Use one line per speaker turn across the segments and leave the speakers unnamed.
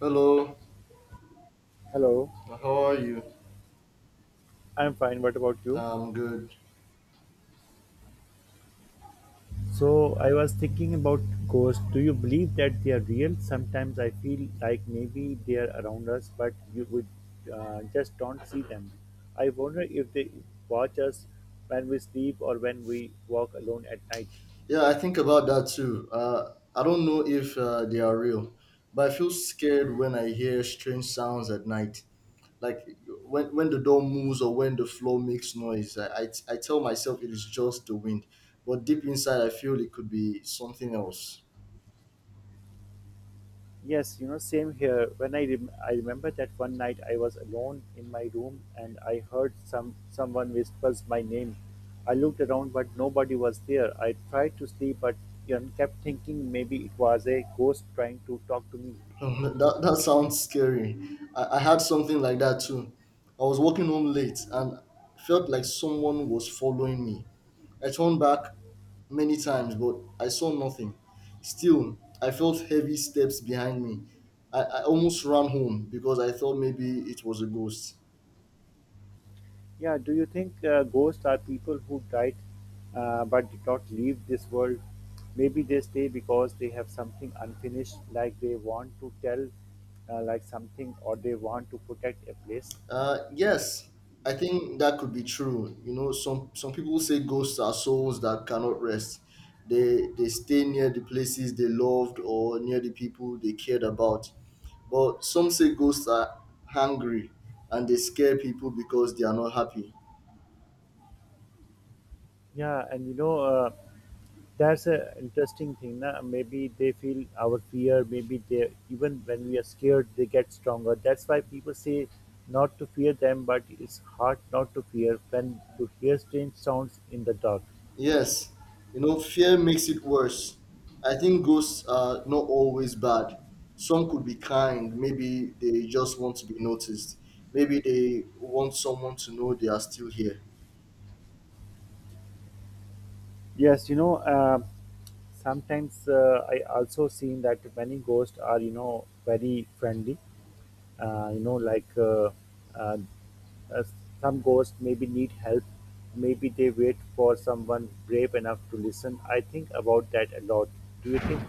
Hello,
Hello,
how are you?
I'm fine. What about you?
I'm good.
So, I was thinking about ghosts. Do you believe that they are real? Sometimes I feel like maybe they are around us, but you would just don't see them. I wonder if they watch us when we sleep or when we walk alone at night.
Yeah, I think about that too. I don't know if they are real, but I feel scared when I hear strange sounds at night. Like when the door moves or when the floor makes noise, I tell myself it is just the wind, but deep inside, I feel it could be something else.
Yes, you know, same here. When I remember that one night I was alone in my room and I heard someone whispers my name. I looked around, but nobody was there. I tried to sleep, but kept thinking maybe it was a ghost trying to talk to me.
That sounds scary. I had something like that too. I was walking home late and felt like someone was following me. I turned back many times, but I saw nothing. Still, I felt heavy steps behind me. I almost ran home because I thought maybe it was a ghost.
Yeah, do you think ghosts are people who died but did not leave this world? Maybe they stay because they have something unfinished, like they want to tell, like something, or they want to protect a place.
Yes, I think that could be true. You know, some people say ghosts are souls that cannot rest. They stay near the places they loved or near the people they cared about. But some say ghosts are hungry and they scare people because they are not happy.
Yeah, and that's a interesting thing. Na? Maybe they feel our fear, maybe they, even when we are scared, they get stronger. That's why people say not to fear them, but it's hard not to fear when you hear strange sounds in the dark.
Yes, you know, fear makes it worse. I think ghosts are not always bad. Some could be kind. Maybe they just want to be noticed. Maybe they want someone to know they are still here.
Yes, sometimes I also seen that many ghosts are, you know, very friendly. uh, you know like uh, uh, uh, some ghosts maybe need help, maybe they wait for someone brave enough to listen. I think about that a lot. Do you think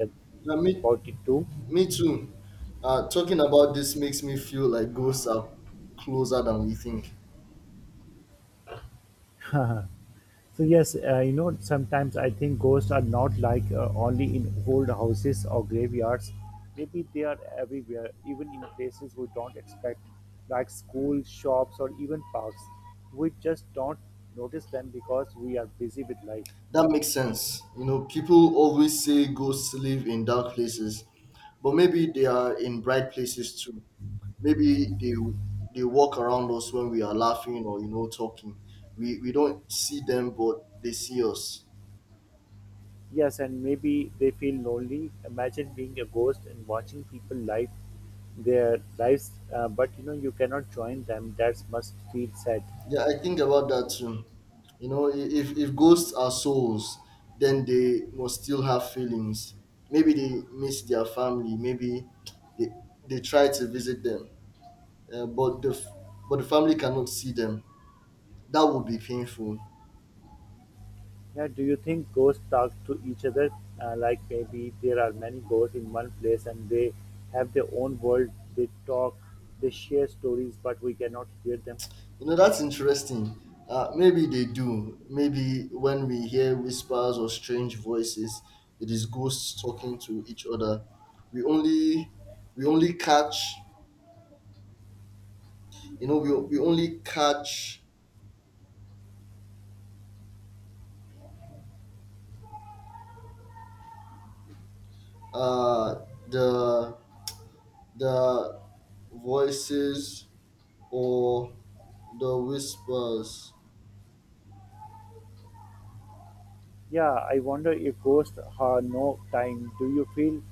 that
Yeah,
about it too?
me too. Talking about this makes me feel like ghosts are closer than we think.
So yes, you know, sometimes I think ghosts are not like, only in old houses or graveyards. Maybe they are everywhere, even in places we don't expect, like schools, shops, or even parks. We just don't notice them because we are busy with life.
That makes sense. You know, people always say ghosts live in dark places, but maybe they are in bright places too. Maybe they walk around us when we are laughing or you know talking. We don't see them, but they see us.
Yes, and maybe they feel lonely. Imagine being a ghost and watching people live their lives, but you know you cannot join them. That must feel sad.
Yeah, I think about that too. You know, if ghosts are souls, then they must still have feelings. Maybe they miss their family. Maybe they they try to visit them, but but the family cannot see them. That would be painful.
Yeah, do you think ghosts talk to each other? Like maybe there are many ghosts in one place and they have their own world. They talk, they share stories, but we cannot hear them.
You know, that's interesting. Maybe they do. Maybe when we hear whispers or strange voices, it is ghosts talking to each other. We only we only catch you know we only catch uh, the the voices or the whispers.
Yeah, I wonder if ghosts have no time. Do you feel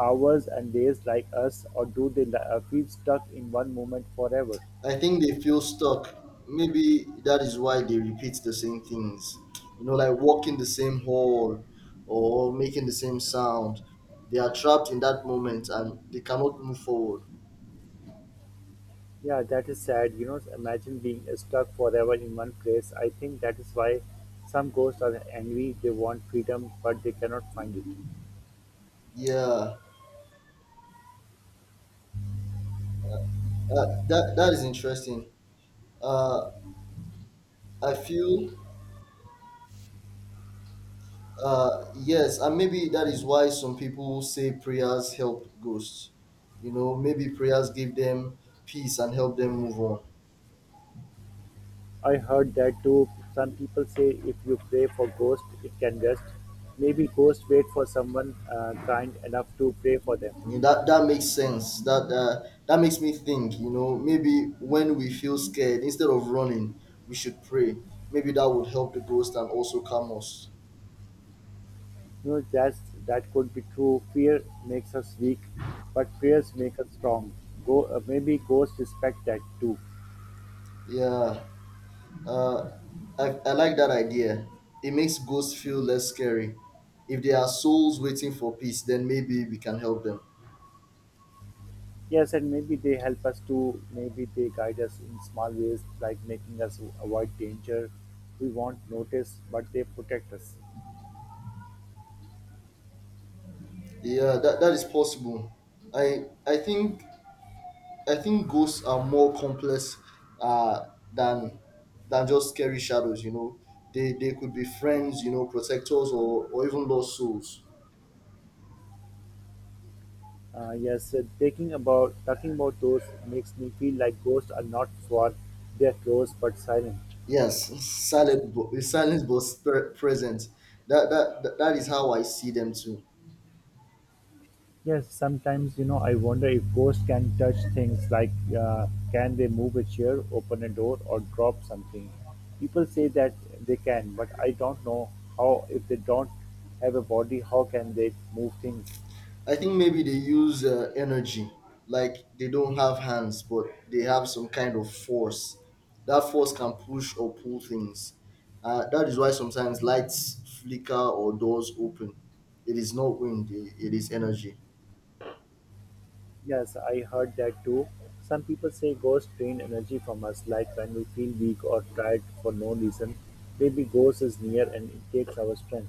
hours and days like us, or do they feel stuck in one moment forever?
I think they feel stuck. Maybe that is why they repeat the same things. You know, like walking the same hall or making the same sound. They are trapped in that moment and they cannot move forward.
Yeah, that is sad. You know, imagine being stuck forever in one place. I think that is why some ghosts are angry. They want freedom, but they cannot find it.
Yeah, that is interesting. Uh, I feel Yes, and maybe that is why some people say prayers help ghosts. You know, maybe prayers give them peace and help them move on.
I heard that too. Some people say if you pray for ghosts, it can rest. Maybe ghosts wait for someone kind enough to pray for them.
You that makes sense. That that makes me think. You know, maybe when we feel scared, instead of running, we should pray. Maybe that would help the ghost and also calm us.
You know, that's, that could be true. Fear makes us weak, but prayers make us strong. Maybe ghosts respect that too.
Yeah, uh, I like that idea. It makes ghosts feel less scary. If there are souls waiting for peace, then maybe we can help them.
Yes, and maybe they help us to, maybe they guide us in small ways, like making us avoid danger we won't notice, but they protect us.
Yeah, that is possible. I I think I think ghosts are more complex uh, than than just scary shadows. You know, they could be friends, you know, protectors, or even lost souls.
Yes, thinking about talking about those makes me feel like ghosts are not far; they're close but silent.
Yes, silent, but silence, but spirit present. That is how I see them too.
Yes, sometimes you know I wonder if ghosts can touch things, like uh, can they move a chair, open a door, or drop something. People say that they can, but I don't know how. If they don't have a body, how can they move things?
I think maybe they use energy, like they don't have hands, but they have some kind of force. That force can push or pull things. That is why sometimes lights flicker or doors open. It is not wind, it is energy.
Yes, I heard that too. Some people say ghosts drain energy from us, like when we feel weak or tired for no reason. Maybe ghost is near and it takes our strength.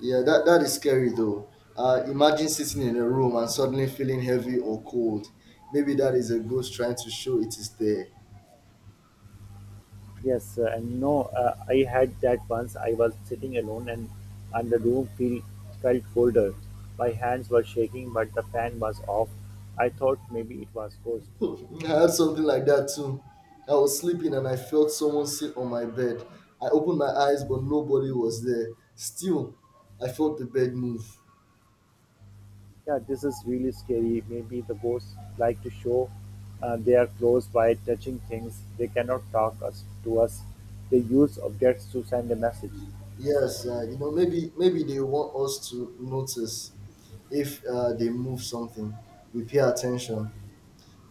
Yeah, that is scary though. Imagine sitting in a room and suddenly feeling heavy or cold. Maybe that is a ghost trying to show it is there.
Yes, and no, I had that once. I was sitting alone and the felt colder. My hands were shaking, but the fan was off. I thought maybe it was ghost.
I had something like that too. I was sleeping and I felt someone sit on my bed. I opened my eyes, but nobody was there. Still, I felt the bed move.
Yeah, this is really scary. Maybe the ghosts like to show their clothes by touching things. They cannot talk us to us. They use objects to send a message.
Yes, you know, maybe they want us to notice if they move something. We pay attention.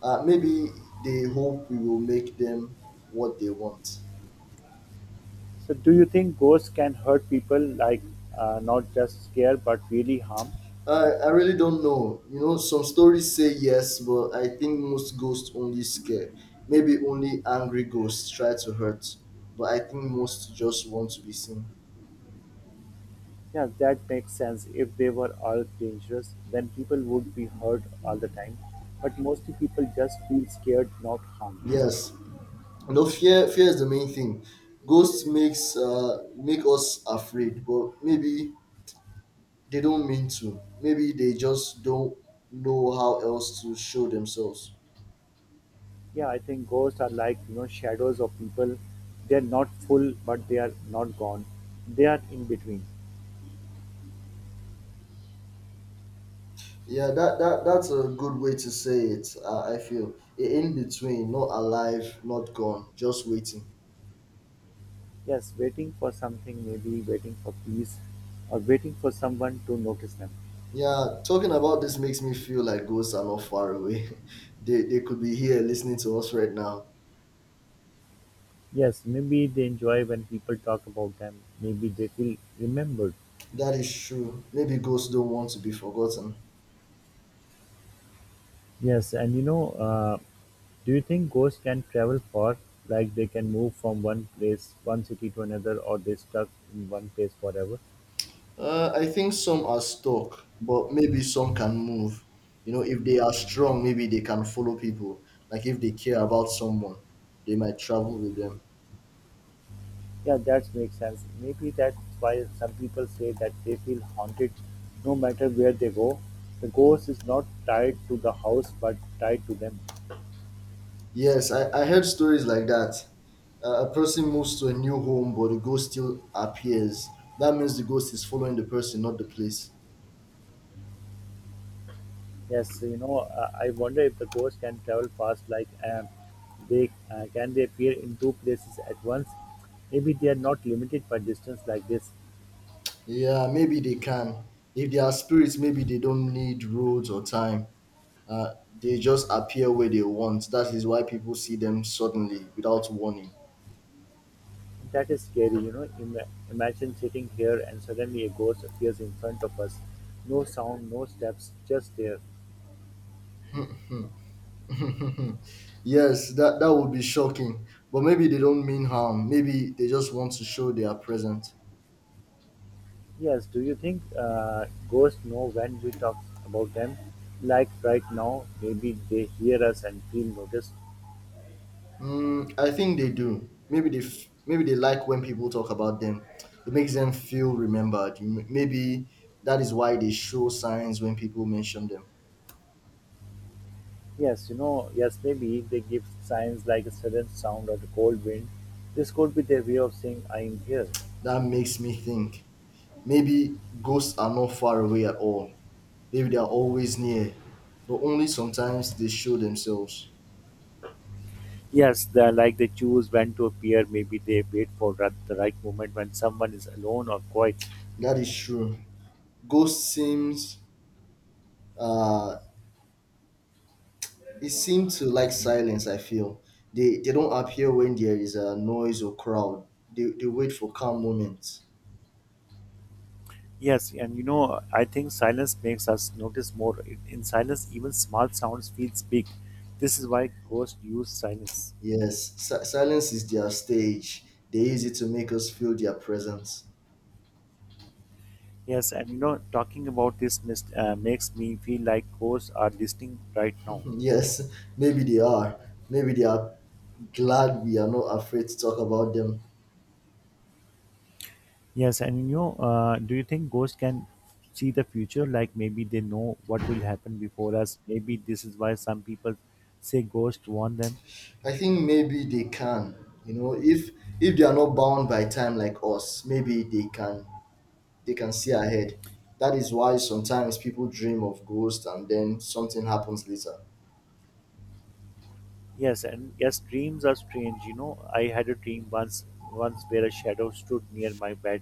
Maybe they hope we will make them what they want.
So, do you think ghosts can hurt people, like not just scare but really harm?
I really don't know. You know, some stories say yes, but I think most ghosts only scare. Maybe only angry ghosts try to hurt, but I think most just want to be seen.
Yeah, that makes sense. If they were all dangerous, then people would be hurt all the time. But mostly people just feel scared, not harmed.
Yes, you know, fear is the main thing. Ghosts makes make us afraid, but maybe they don't mean to. Maybe they just don't know how else to show themselves.
Yeah, I think ghosts are like, you know, shadows of people. They're not full, but they are not gone. They are in between.
Yeah, that that's a good way to say it. In between, not alive, not gone, just waiting.
Yes, waiting for something, maybe waiting for peace or waiting for someone to notice them.
Yeah, talking about this makes me feel like ghosts are not far away. They could be here listening to us right now.
Yes, maybe they enjoy when people talk about them. Maybe they feel remembered.
That is true. Maybe ghosts don't want to be forgotten.
Yes, and do you think ghosts can travel far? Like they can move from one place, one city to another, or they stuck in one place forever?
I think some are stuck, but maybe some can move. You know, if they are strong, maybe they can follow people. Like if they care about someone, they might travel with them.
Yeah, that makes sense. Maybe that's why some people say that they feel haunted no matter where they go. The ghost is not tied to the house but tied to them.
Yes, I heard stories like that. A person moves to a new home, but the ghost still appears. That means the ghost is following the person, not the place.
Yes, you know, I wonder if the ghost can travel fast, like they can they appear in two places at once. Maybe they are not limited by distance like this.
Yeah, maybe they can. If they are spirits, maybe they don't need roads or time. Uh, they just appear where they want. That is why people see them suddenly without warning.
That is scary, you know. Imagine sitting here and suddenly a ghost appears in front of us. No sound, no steps, just there.
yes, that would be shocking. But maybe they don't mean harm. Maybe they just want to show they are present.
Yes, do you think ghosts know when we talk about them? Like right now, maybe they hear us and feel noticed.
Mm, I think they do. Maybe they like when people talk about them. It makes them feel remembered. Maybe that is why they show signs when people mention them.
Yes, you know, yes, maybe they give signs like a sudden sound or a cold wind. This could be their way of saying, I am here.
That makes me think. Maybe ghosts are not far away at all. Maybe they are always near, but only sometimes they show themselves.
Yes, they like they choose when to appear. Maybe they wait for the right moment when someone is alone or quiet.
That is true. Ghosts seems uh it seems to like silence. I feel they don't appear when there is a noise or crowd. They wait for calm moments.
Yes, and you know, I think silence makes us notice more. In silence, even small sounds feel big. This is why ghosts use silence.
Yes, silence is their stage. They use it to make us feel their presence.
Yes, and talking about this makes me feel like ghosts are listening right now.
yes, maybe they are. Maybe they are glad we are not afraid to talk about them.
Yes, and do you think ghosts can see the future? Like maybe they know what will happen before us. Maybe this is why some people say ghosts warn them.
I think maybe they can. You know, if they are not bound by time like us, maybe they can see ahead. That is why sometimes people dream of ghosts and then something happens later.
Yes, and yes, dreams are strange. You know, I had a dream once, once where a shadow stood near my bed.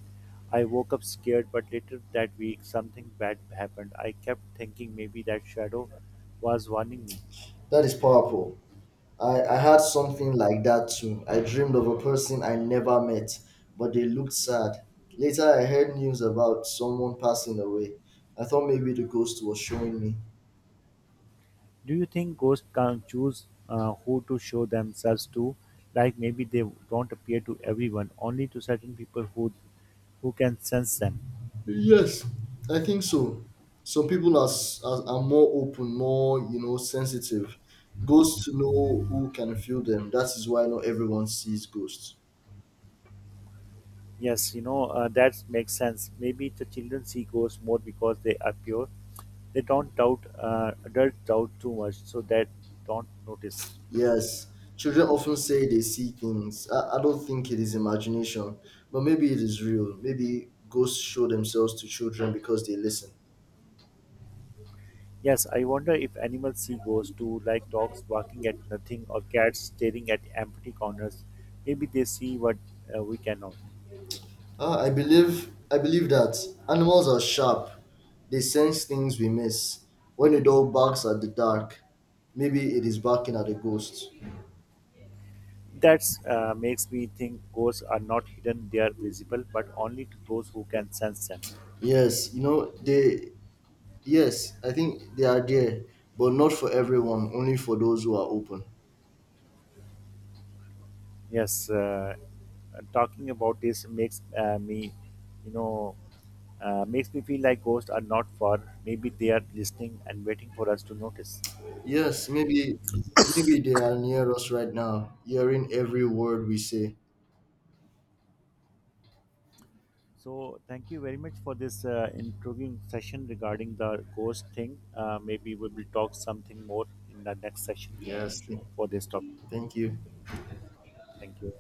I woke up scared, but later that week something bad happened. I kept thinking maybe that shadow was warning me.
That is powerful. I had something like that too. I dreamed of a person I never met, but they looked sad. Later, I heard news about someone passing away. I thought maybe the ghost was showing me.
Do you think ghosts can choose who to show themselves to? Like maybe they don't appear to everyone, only to certain people who can sense them.
Yes, I think so. Some people are, are more open, more, you know, sensitive. Ghosts know who can feel them. That is why not everyone sees ghosts.
Yes, that makes sense. Maybe the children see ghosts more because they are pure. They don't doubt. Adults doubt too much, so that don't notice.
Yes, children often say they see things. I don't think it is imagination, but maybe it is real. Maybe ghosts show themselves to children because they listen.
Yes, I wonder if animals see ghosts too, like dogs barking at nothing or cats staring at empty corners. Maybe they see what, we cannot.
Ah, I believe that animals are sharp. They sense things we miss. When a dog barks at the dark, maybe it is barking at a ghost.
That makes me think ghosts are not hidden; they are visible, but only to those who can sense them.
Yes, you know they. Yes, I think they are there, but not for everyone. Only for those who are open.
Yes, talking about this you know, makes me feel like ghosts are not far. Maybe they are listening and waiting for us to notice.
Yes, maybe they are near us right now, hearing every word we say.
So, thank you very much for this intriguing session regarding the ghost thing. Maybe we will talk something more in the next session
Yes.
for this topic.
Thank you.
Thank you.